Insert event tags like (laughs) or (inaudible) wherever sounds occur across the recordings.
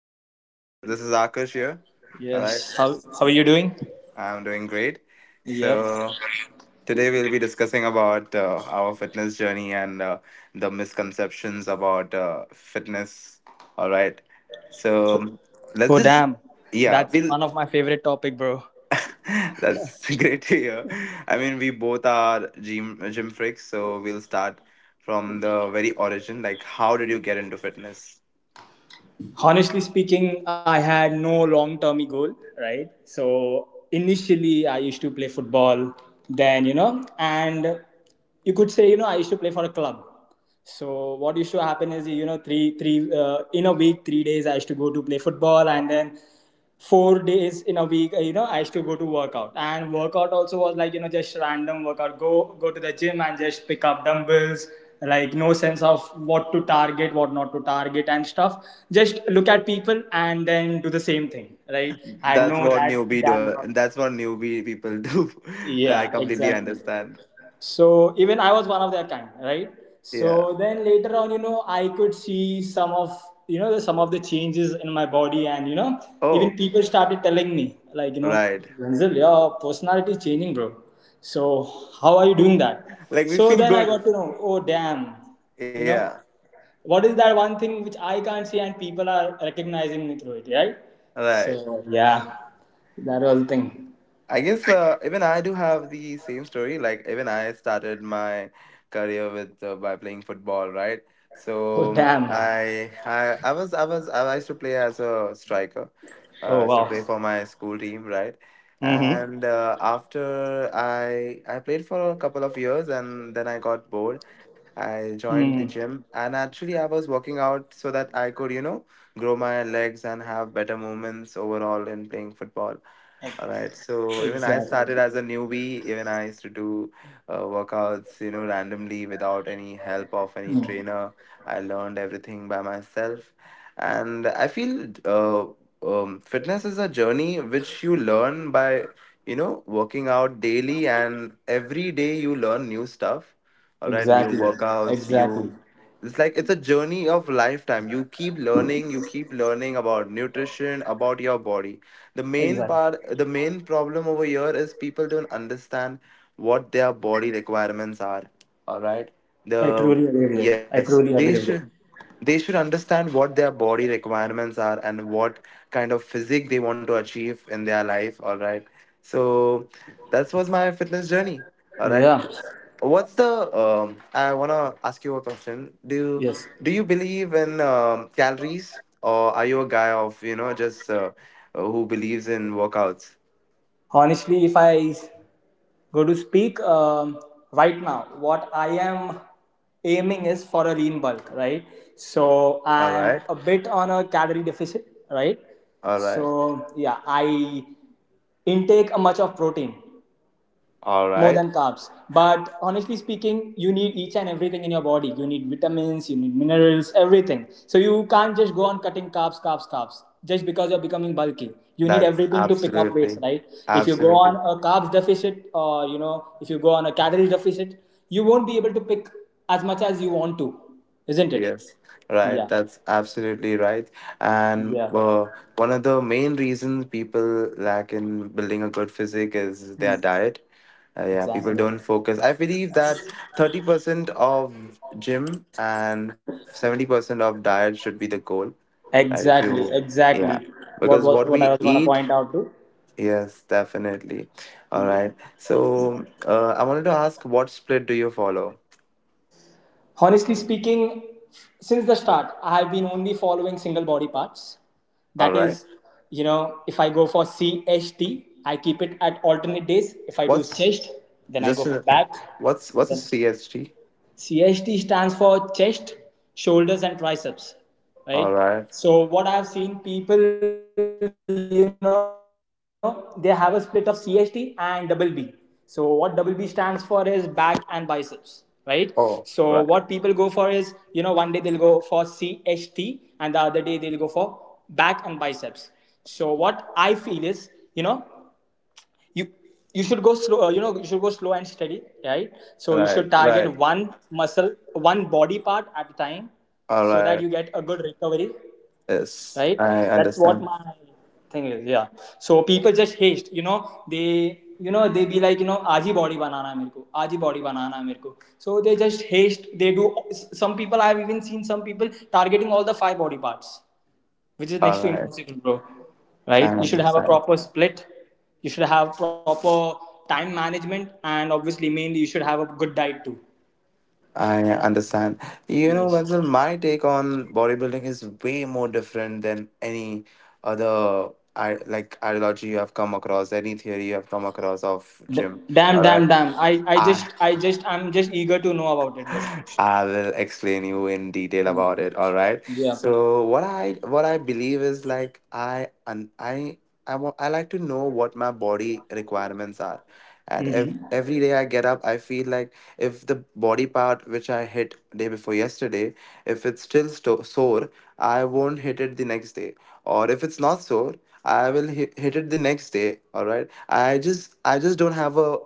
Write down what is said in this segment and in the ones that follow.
Hi, How are you? Vansal. This is Akash here. All right, Yes. How are you doing? I'm doing great. Yep. So today we'll be discussing about our fitness journey and the misconceptions about fitness. All right. So let's Oh just, damn, yeah, that's we'll. one of my favorite topic, bro. (laughs) That's (laughs) great to hear. I mean, we both are gym freaks, so we'll start from the very origin. Like, how did you get into fitness? Honestly speaking, I had no long term goal, right? So initially, I used to play football. Then and you could say I used to play for a club. So what used to happen is three three in a week three days I used to go to play football, and then four days in a week, I used to go to workout. And workout also was like, just random workout, go to the gym and just pick up dumbbells, like no sense of what to target, what not to target and stuff. Just look at people and then do the same thing, right? I know that damn That's knowledge. what newbie people do. (laughs) I Yeah, completely exactly. understand. So even I was one of their kind, right? Yeah. So then later on, you know, I could see some of the, some of the changes in my body, and you know, even Oh, people started telling me like, you know, right. Ranzil, your personality is changing, bro. So how are you doing that? Like we So feel then I good. got to know, oh damn, you Yeah. know, what is that one thing which I can't see and people are recognizing me through it, right? Right. So yeah, that was the thing. I guess even I do have the same story. Like even I started my career with by playing football, right? Oh So damn. I used to play as a striker Oh to wow. play for my school team, right? Mm-hmm. And after I played for a couple of years, and then I got bored. I joined the Mm. gym, and actually I was working out so that I could grow my legs and have better movements overall in playing football. All right. So even I Exactly. started as a newbie. Even I used to do workouts randomly without any help of any Mm. trainer. I learned everything by myself, and I feel fitness is a journey which you learn by working out daily, and every day you learn new stuff. All right, new Exactly. workouts. Exactly. You— it's like it's a journey of lifetime. You keep learning about nutrition, about your body. the main Exactly. part the main problem over here is people don't understand what their body requirements are. All right. I the truly agree with it. I Yes, they truly agree with should it. they should understand what their body requirements are, and what kind of physique they want to achieve in their life. All right, so that was my fitness journey. All right. Yeah. What's the? I wanna ask you a question. Do you, Yes. do you believe in calories, or are you a guy of just who believes in workouts? Honestly, if I go to speak right now, what I am aiming is for a lean bulk, right? So All I'm right, a bit on a calorie deficit, right? all right, So yeah, I intake a much of protein, all more right. than carbs. But honestly speaking, you need each and everything in your body. You need vitamins, you need minerals, everything. So you can't just go on cutting carbs, carbs, carbs just because you're becoming bulky. You need That's everything to pick up weights, absolutely, right? If you go absolutely on a carbs deficit, or you know, if you go on a calories deficit, you won't be able to pick as much as you want to, isn't it? yes, right. Yeah. That's absolutely right. Yeah, And one of the main reasons people lack in building a good physique is their diet. Yeah, people exactly, don't focus. I believe that 30% of gym and 70% of diet should be the goal, right? If exactly, you, yeah, exactly. What because was what what I we was going to eat, point out to. yes, definitely. All right. So, I wanted to ask what split do you follow? Honestly speaking, since the start, I have been only following single body parts. All That right. is, you know, if I go for CHT, I keep it at alternate days. If I do What's chest, then I go just for a- back, what's and what's a then CST? CHT stands for chest, shoulders, and triceps, All right? right. So what I've seen people, you know, they have a split of CHT and double B. So what double B stands for is back and biceps, right? So what people go for is, you know, Oh, one day they'll right. go for CHT and the other day they'll go for back and biceps. So what I feel is, you know, you you should go slow, you should go slow and steady, right? So you should target one Right. Right. muscle, one body part at a time, so that you get All a good right. recovery, right? Yes, That's I what my understand. thing is. Yeah, so people just haste. You know, they, they be like, you know, आज ही body बनाना है मेरे को आज ही body बनाना है मेरे को. So they just haste. They do. Some people, I have even seen some people targeting all the five body parts, which is All next to right. impossible, bro. I Right? You should have a understand. proper split. You should have proper time management, and obviously, mainly, you should have a good diet too. I understand. You know, Yes. Wenzel, my take on bodybuilding is way more different than any other I like ideology you have come across, any theory you have come across of D- gym. damn, All right. damn, damn. I I'm just eager to know about it, bro. (laughs) I will explain you in detail Mm. about it. All right. Yeah. So what I believe is like I and I I want I like to know what my body requirements are. And Mm-hmm. every day I get up, I feel like if the body part which I hit day before yesterday, if it's Hmm. still sore, I won't hit it the next day. Or if it's not sore, I will hit it the next day. All right. I just Okay. I just don't have a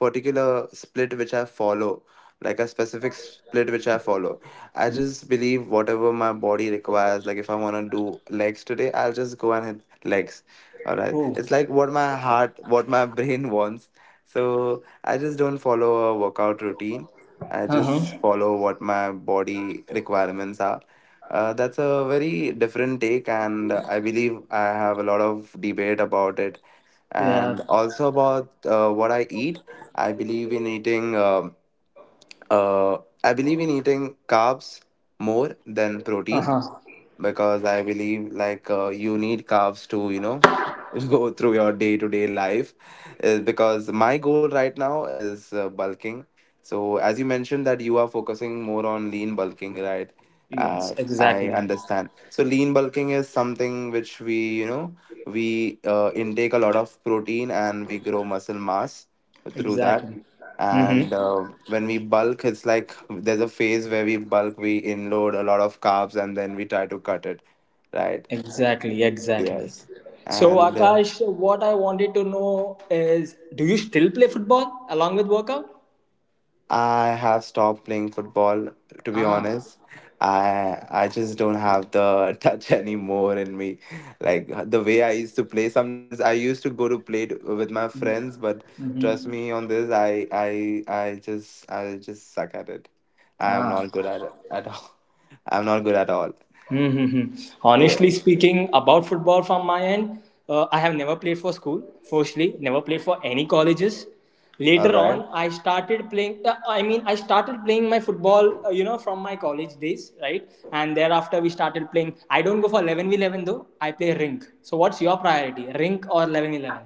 particular split which I follow, like a Oh. specific split which I follow. I just believe whatever my body requires. Like if I wanna do legs today, I'll just go and hit legs. All right, Oh. it's like what my heart— what my (laughs) brain wants. So I just don't follow a workout routine, I Uh just huh. follow what my body requirements are. That's a very different take and I believe I have a lot of debate about it, Yeah. and also about what I eat. I believe in eating uh, I believe in eating carbs more than Uh protein, huh. because I believe like you need carbs to you know (laughs) go through your day to day life. Because my goal right now is bulking. So as you mentioned that you are focusing more on lean bulking, right? Yes. I Exactly. understand. So lean bulking is something which we you know we intake a lot of protein and we grow muscle mass through that, Exactly. Mm-hmm. and when we bulk it's like there's a phase where we bulk, we inload a lot of carbs and then we try to cut it, right? Exactly, exactly. Yes. So, And Akash, what I wanted to know is, do you still play football along with workout? I have stopped playing football, to be Ah, honest. I just don't have the (laughs) touch anymore in me, like the way I used to play. Sometimes I used to go to play with my friends, but trust me on this, I just suck at it. I am ah. not good at it at all. (laughs) I'm not good at all. Mm-hmm. Yeah, Honestly speaking, about football from my end, I have never played for school, firstly, never played for any colleges. all Later right. on, I started playing, I started playing my football, from my college days, right? And thereafter, we started playing. I don't go for 11v11 though, I play rink. So, what's your priority, rink or 11v11?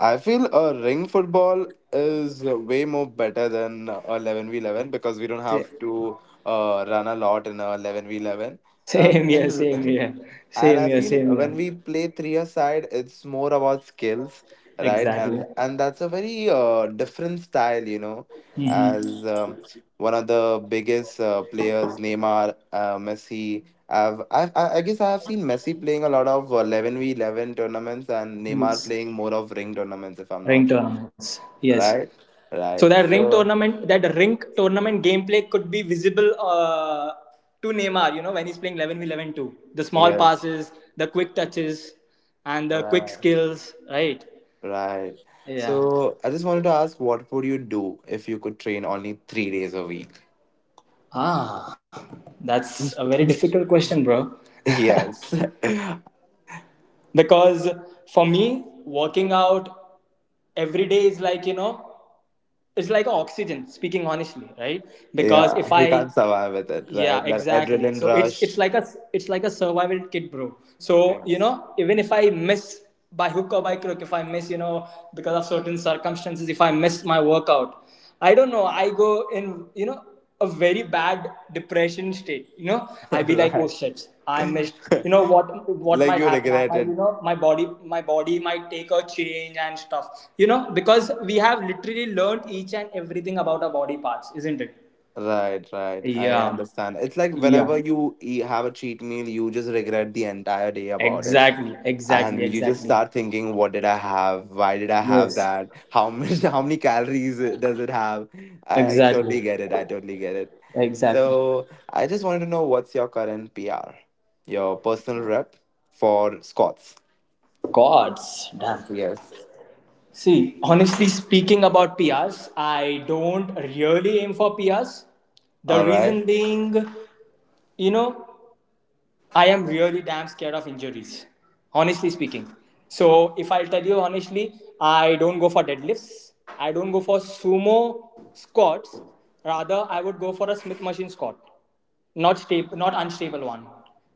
I feel a ring football is way more better than a 11v11, because we don't Sa- have to run a lot in a 11v11. Same And here, in (laughs) same here, And same I here, feel same here. when we play three a side, it's more about skills, right? Exactly. And that's a very different style, Hmm. as one of the biggest players, Neymar, Messi. I've, I guess I have seen Messi playing a lot of 11v11 tournaments and Neymar Yes. playing more of ring tournaments, if I'm not Ring wrong. tournaments. Yes. Right? So Right. So, that ring tournament gameplay could be visible to Neymar. You know, when he's playing 11v11 too. The small yes. passes, the quick touches, and the quick Right. skills. Right. Right. Yeah. So I just wanted to ask, what would you do if you could train only 3 days a week? Ah, that's a very (laughs) difficult question, bro. Yes. (laughs) Because for me, working out every day is like, you know, it's like oxygen, speaking honestly, right? Because Yeah, if we I, can't survive with it, yeah, right? That exactly. adrenaline So it's rush. It's like a survival kit, bro. So you Yes. know, even if I miss, by hook or by crook, if I miss, you know, because of certain circumstances, if I miss my workout, I don't know. I go in, you know, a very bad depression state. You know, I (laughs) be like, oh Right. shit, I missed. You know (laughs) what? What Like might you happen? I regret might, it. you know, my body might take a change and stuff. You know, because we have literally learned each and everything about our body parts, isn't it? Right, right. I Yeah. understand. It's like whenever Yeah, you eat, have a cheat meal, you just regret the entire day about it. exactly, exactly, And you just start exactly. thinking what did I have, why did I have Yes, that, how much (laughs) how many calories does it have. I totally exactly, get it, I totally get it. So exactly. I just wanted to know what's your current PR, your personal rep for squats. Gods, damn. Yes, See, honestly speaking about PRs, I don't really aim for PRs. The all right, reason being, you know, I am really damn scared of injuries, honestly speaking. So, if I'll tell you honestly, I don't go for deadlifts, I don't go for sumo squats. Rather, I would go for a Smith machine squat, not stable, not unstable one,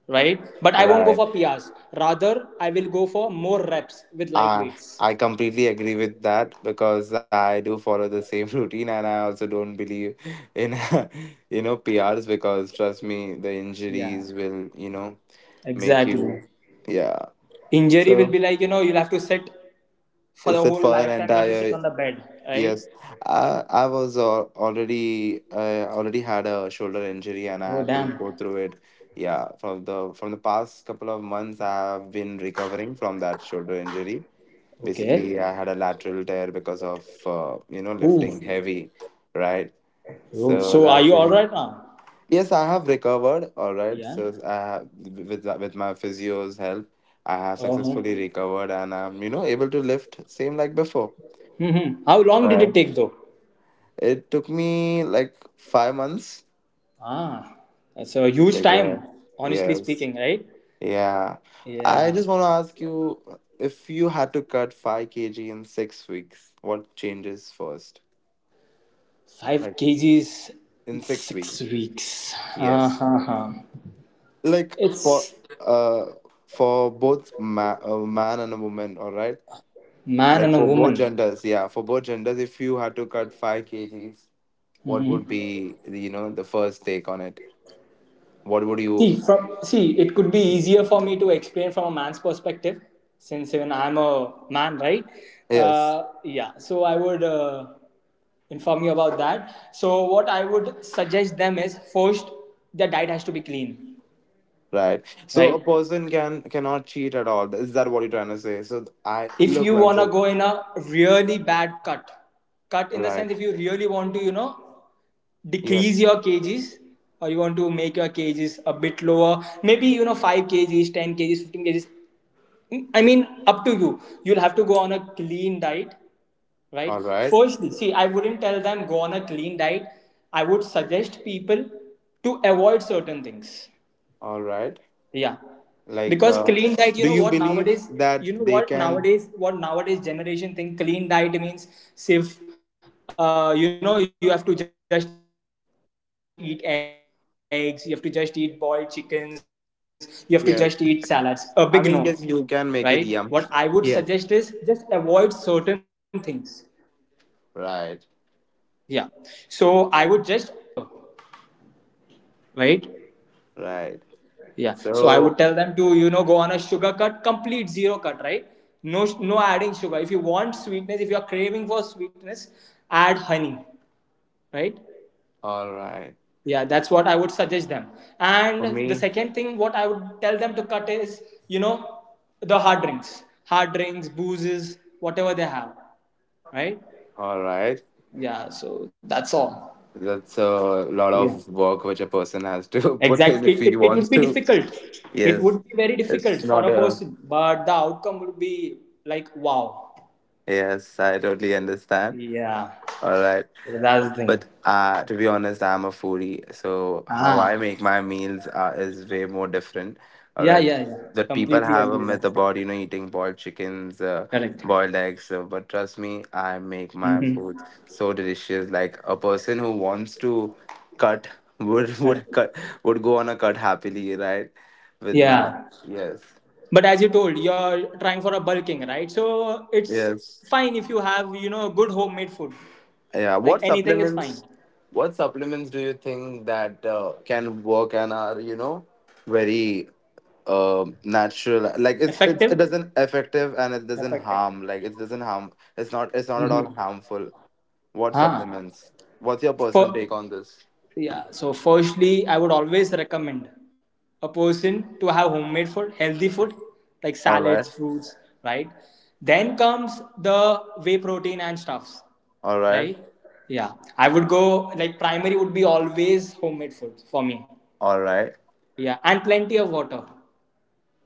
right? But I won't go right. for PRs, rather I will go for more reps with light i weights. i completely agree with that because I do follow the same (laughs) routine, and I also don't believe in (laughs) you know PRs, because trust me, the Yeah. injuries will make you— Exactly. yeah, Injury will so be like, you know, you'll have to sit for you the sit whole for an lifetime. You have to sit entire— on the bed, right? yes, I already had a shoulder injury and I Oh had to go damn. through it. Yeah, from the past couple of months I have been recovering from that shoulder injury. Basically Okay. I had a lateral tear because of Ooh. lifting heavy, right? Oh, So so are that's you all it. right now? Yes, I have recovered. All right. Yeah. So I have, with my physio's help, I have Uh-huh. successfully recovered, and I'm able to lift same like before. Hmm, how long did it Right. take though? It took me like 5 months. Ah. That's a huge Okay. time, honestly Yes. speaking, right? Yeah. I Yeah. just want to ask you, if you had to cut 5 kg in 6 weeks, what changes first? Five Like kgs in in six six weeks. weeks. Yes. Ha ha! Like It's uh for both a man and a woman. All right. man Like and a for both woman. genders, yeah, for both genders, if you had to cut 5 kgs, what would be the first take on it? What would you? See, from see, it could be easier for me to explain from a man's perspective, since even I'm a man, right? Yes, Yeah. So I would inform you about that. So what I would suggest them is, first, their diet has to be clean, right. So a right? person cannot cheat at all. Is that what you're trying to say? So I If look, you wanna Wenzel. go in a really bad cut, cut in the Right. sense, if you really want to, you know, decrease Yes. your kgs, or you want to make your kgs a bit lower, maybe you know, 5 kgs, 10 kgs, 15 kgs. I mean, up to you. You'll have to go on a clean diet, right? All right. Firstly, see, I wouldn't tell them go on a clean diet. I would suggest people to avoid certain things. All right. Yeah, Like, because clean diet, do you believe that they can? What nowadays generation think clean diet means, if you know, you have to just eat eggs, you have to just eat boiled chickens, you have to just eat salads. A big Yes. no, I mean, yes, right? you can make What it I yummy. would (laughs) Yes. suggest is just avoid certain things. Right. Yeah, so I would just tell them to avoid sugar. Firstly, sugar, Right. right? Yeah. So, So I would tell them to, you know, go on a sugar cut, complete zero cut, right? No, no adding sugar. If you want sweetness, if you are craving for sweetness, add honey, right? all right. Yeah, that's what I would suggest them. For And me, the second thing, what I would tell them to cut is, you know, the hard drinks, boozes, whatever they have, right? all right. Yeah. So that's all. That's a lot Yeah. of work which a person has to (laughs) put in Exactly. if he It wants would be to. difficult. It Yes, would be very difficult it's for not a a. person, but the outcome would be like, wow. Yes, I totally understand. Yeah, All right. that's the thing. But to be honest, I'm a foodie, so how I Ah, make my meals is way more different. All yeah, right, yeah, yeah. that people Completely have a agree with myth that. about eating boiled chickens, Correct. boiled eggs. But trust me, I make my Mm-hmm. food so delicious. Like a person who wants to cut would (laughs) Correct. would cut would go on a cut happily, right? With my— Yeah, yes, but as you told, you're trying for a bulking, right? So it's yes. fine if you have, you know, good homemade food. Yeah, Like what anything is fine. supplements? What supplements do you think that can work and are very natural? Like it's it Effective. doesn't effective and it doesn't Effective. harm. Like it doesn't harm. It's not at Mm-hmm. all harmful. What Ah, supplements? What's your for, personal take on this? yeah, so firstly, I would always recommend a person to have homemade food, healthy food, like All salads, right, fruits, right? Then comes the whey protein and stuffs, all right, right? Yeah, I would go like primary would be always homemade food for me. all right. Yeah, and plenty of water.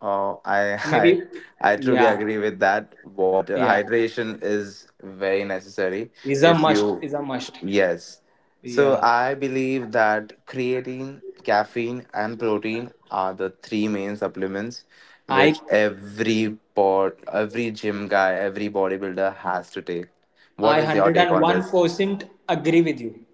Oh, I, (laughs) Maybe, I truly yeah, agree with that. Water yeah, hydration is very necessary. is a If must, you, is a must. yes. So Yeah, I believe that creatine, caffeine, and protein are the three main supplements I which every gym guy, every bodybuilder has to take. I What is your take on this? 101% agree with you.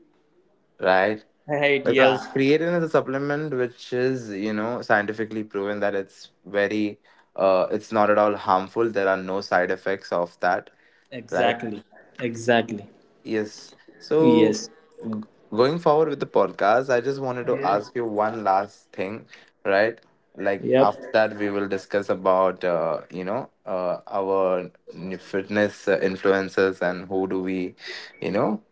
Right? (laughs) Right, Because yeah. creatine is a supplement which is scientifically proven that it's it's not at all harmful. There are no side effects of that, right? Exactly. Exactly. Yes. So, Yes. g- going forward with the podcast, I just wanted to Yes. ask you one last thing, right? Like Yep. after that, we will discuss about, fitness influencers and you know,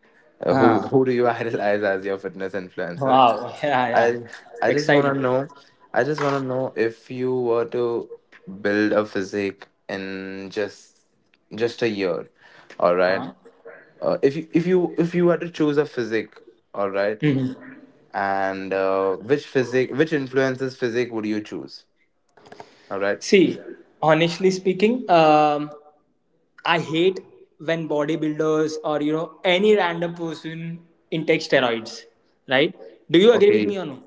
uh, who Ah. who do you (laughs) idolize as your fitness influencers? Wow. (laughs) Yeah. Yeah. I I just wanna Excited. know. I just wanna know if you were to build a physique in just a year, all right. Uh-huh. If you were to choose a physique, all right, Mhm. and which physique which influences physique would you choose? All right. See, honestly speaking, I hate when bodybuilders, or you know, any random person intake steroids. Right? Do you agree with Okay. me or no?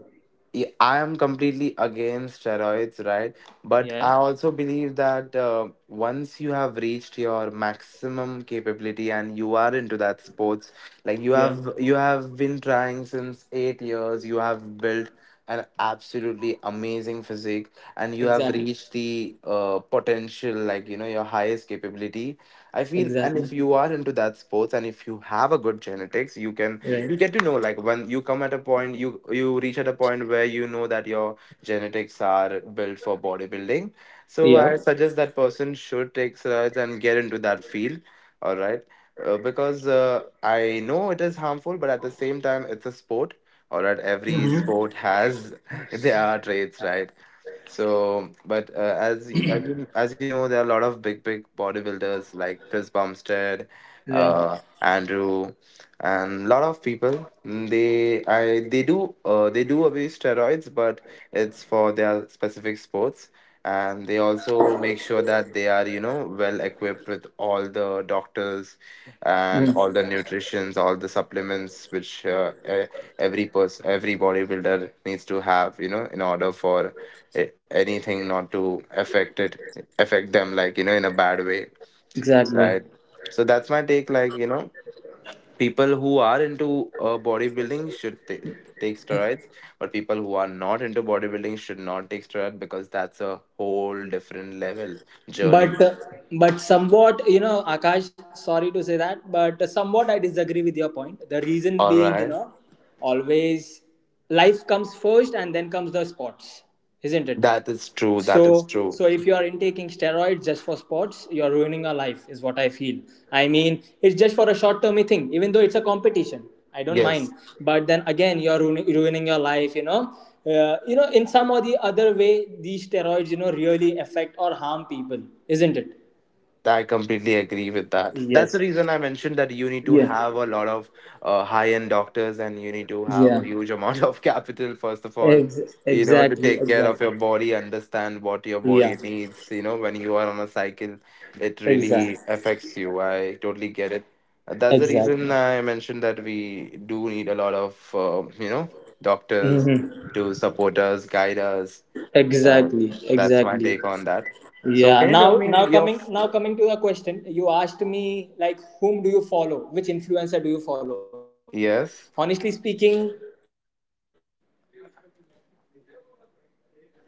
Yeah, I am completely against steroids, right? But Yeah. I also believe that once you have reached your maximum capability and you are into that sports, like you Yeah. have you have been trying since 8 years, you have built an absolutely amazing physique, and you have Exactly. reached the potential, like you know, your highest capability, I feel. And if Exactly. you are into that sports and if you have a good genetics, you can Right. you get to know, like when you come at a point you you reach at a point where you know that your genetics are built for bodybuilding, so I Yep. suggest that person should take steroids and get into that field, all right. Because I know it is harmful, but at the same time it's a sport, or at every sport has (laughs) their traits, right? So, but as you know, there are a lot of big bodybuilders like Chris Bumstead, Yeah. Andrew, and a lot of people. Mm, They I they do abuse steroids, but it's for their specific sports, and they also make sure that they are, you know, well equipped with all the doctors and all the Mm. nutritions, all the supplements which every person, every bodybuilder needs to have, you know, in order for anything not to affect them, like you know, in a bad way, Exactly. right. So that's my take, like you know, people who are into bodybuilding should ta take steroids, but people who are not into bodybuilding should not take steroids because that's a whole different level journey. But uh, but somewhat, you know, Akash, sorry to say that, but somewhat I disagree with your point. The reason All being, you right. know, always life comes first and then comes the sports, isn't it? That is true. That is So, true. so if you are intaking steroids just for sports, you are ruining your life, is what I feel. I mean, it's just for a short-term thing, even though it's a competition. I don't mind, Yes. but then again, you're ruining your life. You know, in some or the other way, these steroids, you know, really affect or harm people, isn't it? I completely agree with that. That's the Yes. reason I mentioned that you need to Yeah. have a lot of high-end doctors, and you need to have Yeah. a huge amount of (laughs) capital, first of all, Ex- you know, to exactly. take care of Exactly. your body, understand what your body Yeah. needs. You know, when you are on a cycle, it really Exactly. affects you. I totally get it. That's the Exactly. reason I mentioned that we do need a lot of, you know, doctors Hmm. to support us, guide us. Uh, Exactly. that's my Exactly. take on that. So, Yeah. can you tell Now, me now your coming now coming to the question, you asked me, like, whom do you follow? Which influencer do you follow? Yes. Honestly speaking,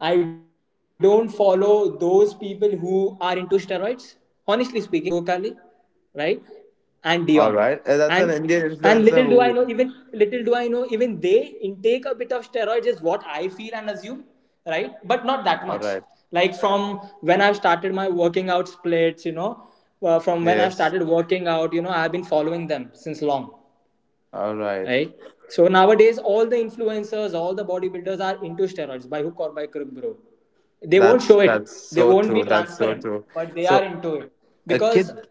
I don't follow those people who are into steroids. Honestly speaking, right? I would suggest, you know, I follow All right. Saket Gokali, That's an Indian right? influencer And who. Dion. And and little do I know, even little do I know, even they intake a bit of steroids is what I feel and assume, right? All But right. not that much. Like from when I've started my working out splits, you know, from when I've Yes. started working out, you know, I've been following them since long, All right. right? So nowadays, all the influencers, all the bodybuilders are into steroids by hook or by crook, bro. They won't That's show it, that's they so won't true. be That's so transparent, true. but they are So into it. a because kid.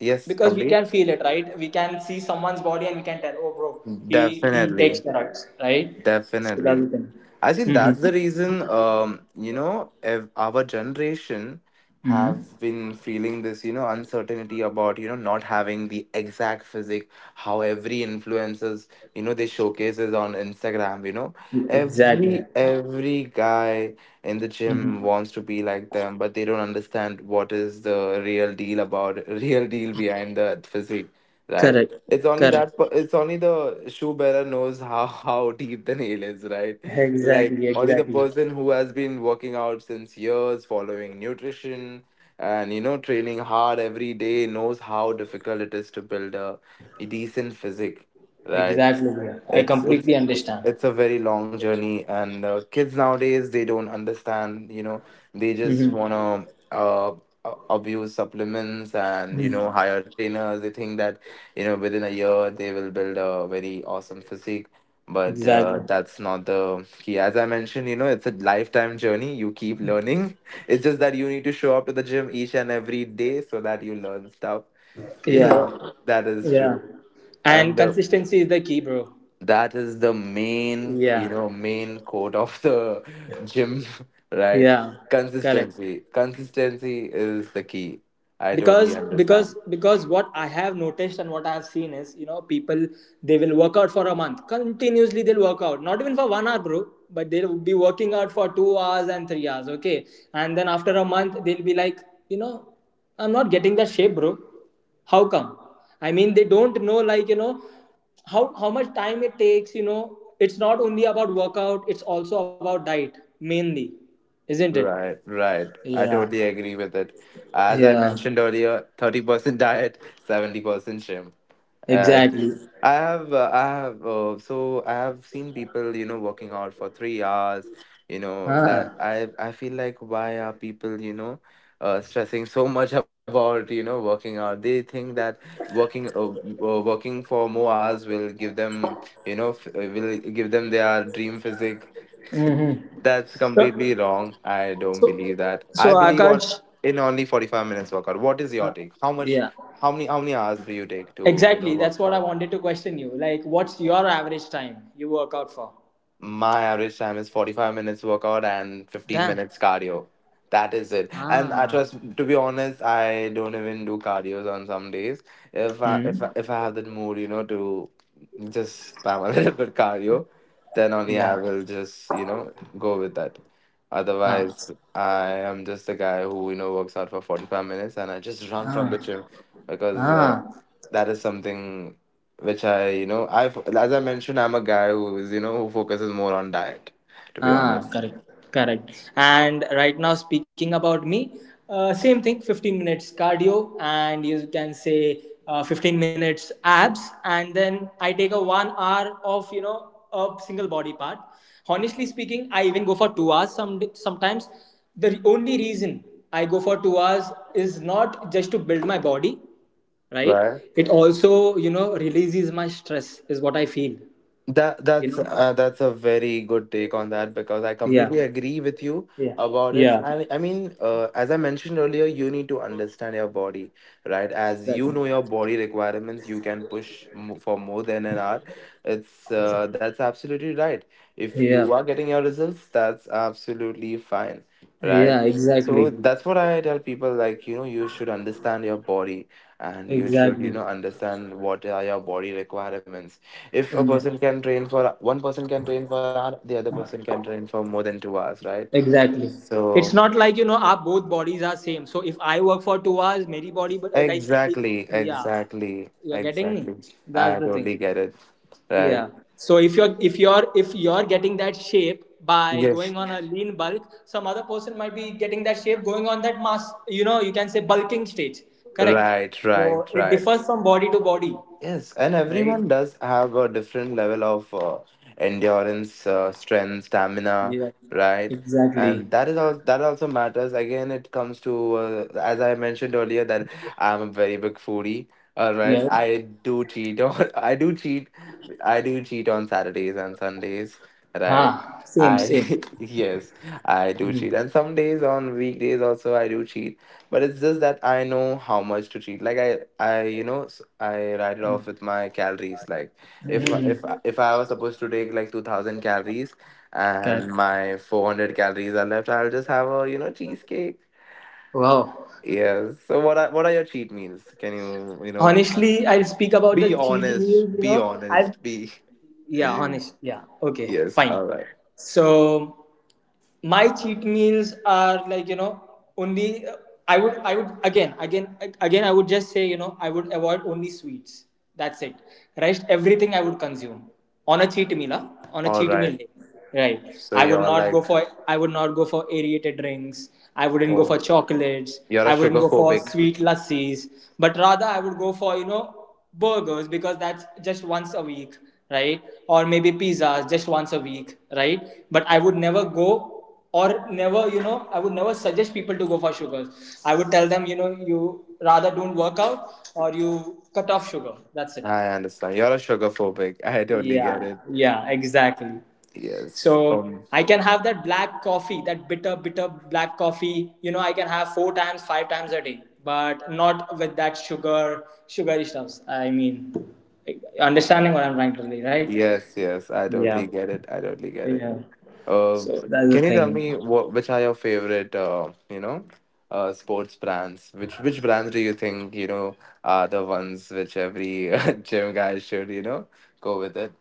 Yes. because we Complete. can feel it, right? We can see someone's body and we can tell, oh bro, he he takes Definitely. steroids, right? So that's the Definitely. thing. I think that's Mm-hmm. the reason, you know, our generation Mm-hmm. have been feeling this, you know, uncertainty about, you know, not having the exact physic, how every influencers, you know, they showcases on Instagram, you know, Exactly. every guy in the gym Mm-hmm. wants to be like them, but they don't understand what is the real deal about, (laughs) real deal behind the physique, right? Correct. It's only Correct. that, it's only the shoe bearer knows how deep the nail is, right? Like Exactly. only the Exactly. person who has been working out since years, following nutrition, and you know, training hard every day knows how difficult it is to build a decent physique, right. Exactly, bro. I it's it's completely understand. it's a very long journey, and kids nowadays, they don't understand, you know. They just want Mm-hmm. to abuse supplements and you know, hire trainers. They think that you know, within a year they will build a very awesome physique, but Exactly. that's not the key. As I mentioned, you know, it's a lifetime journey. You keep learning. (laughs) It's just that you need to show up to the gym each and every day so that you learn stuff. (laughs) You Yeah. know, that is Yeah. true. And And consistency is the key, bro. that is the main, you Yeah. know, main quote of the (laughs) gym, right. Yeah. Correct. Consistency is the key. I totally because understand. because because what I have noticed and what I have seen is, you know, people, they will work out for a month continuously. They'll work out not even for 1 hour, bro, but they'll be working out for 2 hours and 3 hours, okay? And then after a month, they'll be like, you know, I'm not getting that shape, bro. How come? I mean, they don't know, like, you know, how much time it takes. You know, it's not only about workout, it's also about diet mainly, isn't it? Right. I Yeah. totally agree with it. As I Yeah. mentioned earlier, 30% diet, 70% gym. I. Exactly. I have, so I have seen people, you know, working out for 3 hours, you know, that Ah. I feel like why are people, you know, stressing so much (laughs) about, you know, working out? They think that working, uh, working for more hours will give them, you know, will give them their dream physique. (laughs) Mm-hmm. That's So, completely wrong. I don't so believe that. so I believe on Akash, in only 45 minutes workout. What is your uh, take? Yeah. How many hours do you take to, you know, Exactly. work That's what out? I wanted to question you. Like, what's your average time you work out for? My average time is 45 minutes workout and 15 Damn. minutes cardio. That is it. And I Ah. trust, to be honest, I don't even do cardios on some days. Hmm. If I have that mood, you know, to just spam a (laughs) little bit cardio, then Yeah. only I will just, you know, go with that. Ah. Otherwise, I am just a guy who, you know, works out for 45 minutes, and I just run from Ah. the gym because Ah. that is something which I, you know, I as I mentioned, I'm a guy who is, you know, who focuses more on diet, to be Ah, honest. correct, correct. And right now, speaking about me, same thing, 15 minutes cardio, and you can say 15 minutes abs, and then I take a 1 hour of, you know, a single body part. Honestly speaking, I even go for 2 hours sometimes. The only reason I go for 2 hours is not just to build my body, right? Right. It also, you know, releases my stress, is what I feel. You know? That's a very good take on that because I Yeah. completely agree with you Yeah. about it. Yeah. I mean, as I mentioned earlier, you need to understand your body, right? As you Exactly. know your body requirements, you can push for more than an hour. It's that's absolutely right. If you Yeah, are getting your results, that's absolutely fine, right? yeah, So exactly, that's what I tell people, like, you know, you should understand your body and you should, you exactly. know, understand what are your body requirements. If a Yeah. person can train for one person can train for an hour, the other person can train for more than 2 hours, right. Exactly. It's So not like, you know, our both bodies are same. So if I work for 2 hours, my body, but like it, exactly, yeah, exactly you're getting me. exactly That's I the thing. totally get it, right. Yeah. So if you're, if you're, if you're getting that shape by Yes. going on a lean bulk, some other person might be getting that shape going on that mass. You know, you can say bulking stage. Correct. right So right it right differs from body to body. Yes, and Right. everyone does have a different level of endurance, strength, stamina, Yeah, right? exactly. And that is all. That also matters. Again, it comes to, as I mentioned earlier, that I'm a very big foodie. All right, Yeah. I do cheat. (laughs) Or I do cheat on Saturdays and Sundays, Ah, right? same, I same. (laughs) yes, I Mhm. do cheat, and some days on weekdays also I do cheat. But it's just that I know how much to cheat. Like I you know, I write it off with my calories. Like Mhm. If I was supposed to take like 2,000 calories, and Correct. my 400 calories are left, I'll just have a you know cheesecake. Wow. Yes. So what are your cheat meals? Can you you know Honestly, I'll speak about the be cheat honest? meals, you Be know. I honest. Be yeah, (laughs) honest. Yeah. Okay, yes. fine. All right. So my cheat meals are like, you know, only I would again I would just say, you know, I would avoid only sweets, that's it. Rest everything I would consume on a cheat meal, huh? On a All cheat right. meal day, right? So I would you're not go like, for, I would not go for aerated drinks. I wouldn't go oh, for chocolates, you're a I wouldn't sugar go for phobic. sweet lassis, but rather I would go for, you know, burgers, because that's just once a week, right? Or maybe pizzas, just once a week, right? But I would never go, or never, you know, I would never suggest people to go for sugars. I would tell them, you know, you rather don't work out, or you cut off sugar, that's it. I understand. You're a sugar phobic. I totally get Yeah. it. Yeah, exactly. Yes. So I can have that black coffee, that bitter bitter black coffee, you know, I can have four times, five times a day, but not with that sugar, sugary stuffs. I mean, understanding what I'm trying to say, right? Yes. Yes. I Yeah. totally get it. I totally get it. Yeah. Um. So that's the Can you tell thing. me what, which are your favorite? You know, sports brands. Which brands do you think, you know, are the ones which every (laughs) gym guy should you know go with it?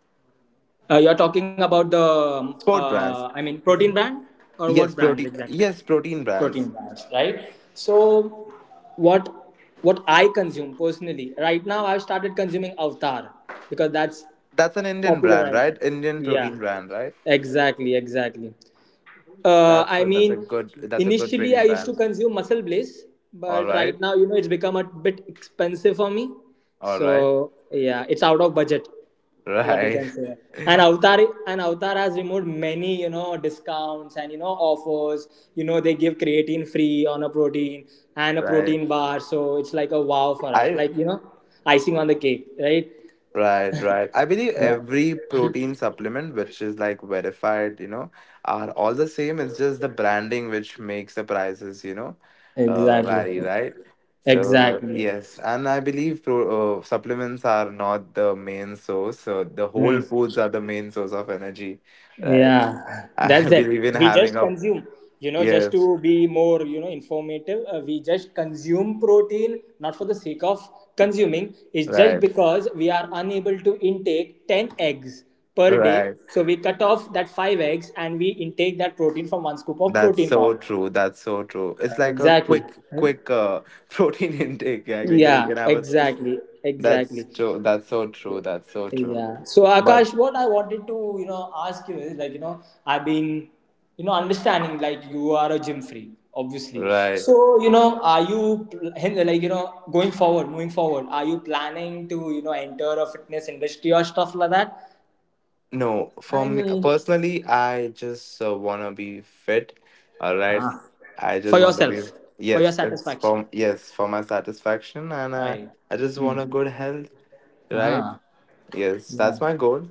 You're talking about the, Sport brands. I mean, protein brand or what Yes. brands Protein. exactly? Yes. Protein brands. Protein brands, right? So, what what I consume personally right now, I've started consuming Avatar because that's That's an Indian popular brand, right now. right? Indian Yeah, protein brand, right? exactly, exactly. I That's a mean, good, that's a good initially I trading used ban. to consume Muscle Blaze, All but right right, now, you know, it's become a bit expensive for me. all right, So yeah, it's out of budget (laughs) is what you right, can say. And (laughs) Avatar, and Avatar has removed many, you know, discounts and, you know, offers. You know, they give creatine free on a protein and a right. protein bar, so it's like a wow for us. I Like, you know, icing on the cake, right? right, right. I believe Yeah, every protein supplement which is like verified, you know, are all the same. It's just the branding which makes the prices, you know, exactly, vary, right? So exactly. yes, and I believe supplements are not the main source. So the whole Hmm. foods are the main source of energy, right? Yeah. (laughs) (laughs) That's I that. believe in We having just a consume, you know, just to yes, be more, you know, informative, we just consume protein not for the sake of consuming. It's just right. because we are unable to intake 10 eggs per day, Right. so we cut off that 5 eggs and we intake that protein from one scoop of That's protein so powder. true. That's so true. It's like Exactly. a Right? quick, quick (laughs) protein intake. Yeah, Yeah, you can have a. Exactly, exactly. That's true. That's so true. That's so true. Yeah. So But Akash, what I wanted to, you know, ask you is like, you know, I've been, you know, understanding like you are a gym freak, obviously. right, So, you know, are you like, you know, going forward, moving forward, are you planning to, you know, enter a fitness industry or stuff like that? no. For I me mean, personally, I just wanna be fit. All right, ah. I For just want to be. yourself, for your Yes, it's satisfaction. for yes for my satisfaction, and I Right. I just want a Hmm. good health. Right. Ah. Yes, Yeah. that's my goal.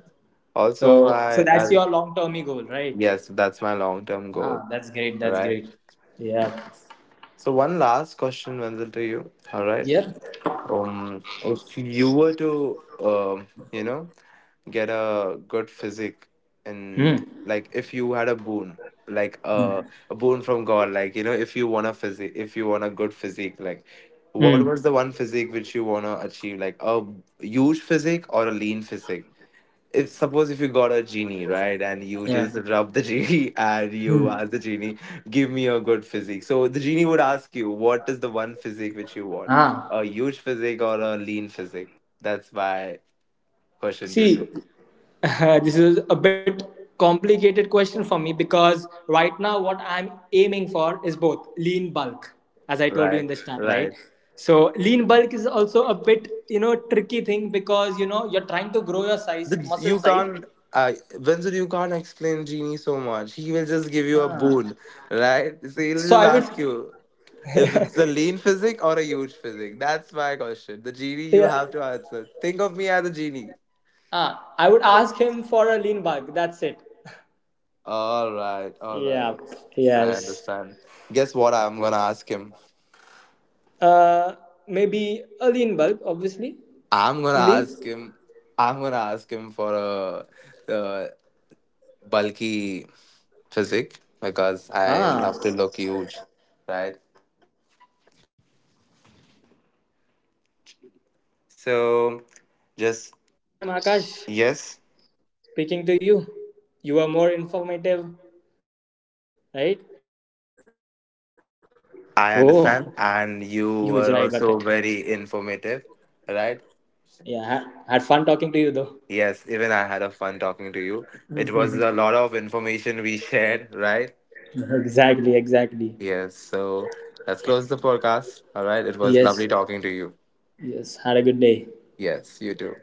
Also, So, so I, that's I your long-term goal, right? yes, that's my long term goal. Ah, that's great. That's Right. great. Yeah. Yes. So one last question, Wenzel, to you. All right. Yep. If you were to, you know, get a good physique, Hmm. and like if you had a boon, like a boon from God, like you know, if you want a physique, if you want a good physique, like what was Mm. the one physique which you wanna achieve, like a huge physique or a lean physique? If suppose if you got a genie, right, and you Yeah. just rub the (laughs) genie and you ask the genie, give me a good physique. So the genie would ask you, what is the one physique which you want, Ah. a huge physique or a lean physique? That's my question to See, (laughs) you. this is a bit complicated question for me, because right now what I'm aiming for is both lean bulk, as I told you Right. in the start, right? Right. So lean bulk is also a bit, you know, tricky thing, because you know you're trying to grow your size, The, muscle you size. can't uh, Vincent, you can't explain genie so much. He will just give you a Ah. boon, right? So he'll So just I would, ask you if it's a lean physique or a huge physique. That's my question. The genie you yeah, have to answer. Think of me as a genie. ah, I would ask him for a lean bulk. That's it. (laughs) All right, all right. Yeah. I Yes. understand. Guess what I'm gonna ask him? Uh, maybe a lean bulk, obviously. I'm gonna Lin? ask him. I'm gonna ask him for a, bulky physique because Ah, I love to look huge, right? oh, huge, right, right. Got it, got it. So, So, had a good just time, Akash, yes, speaking to you. You were more informative, right? I understand, and you were also very informative, right? Yeah, had fun talking to you, though. Yes, even I had a fun talking to you. It was a lot of information we shared, right? (laughs) Exactly, exactly. Yes. So let's close the podcast. All right. It was Yes, lovely talking to you. yes, had a good day. Yes, you too.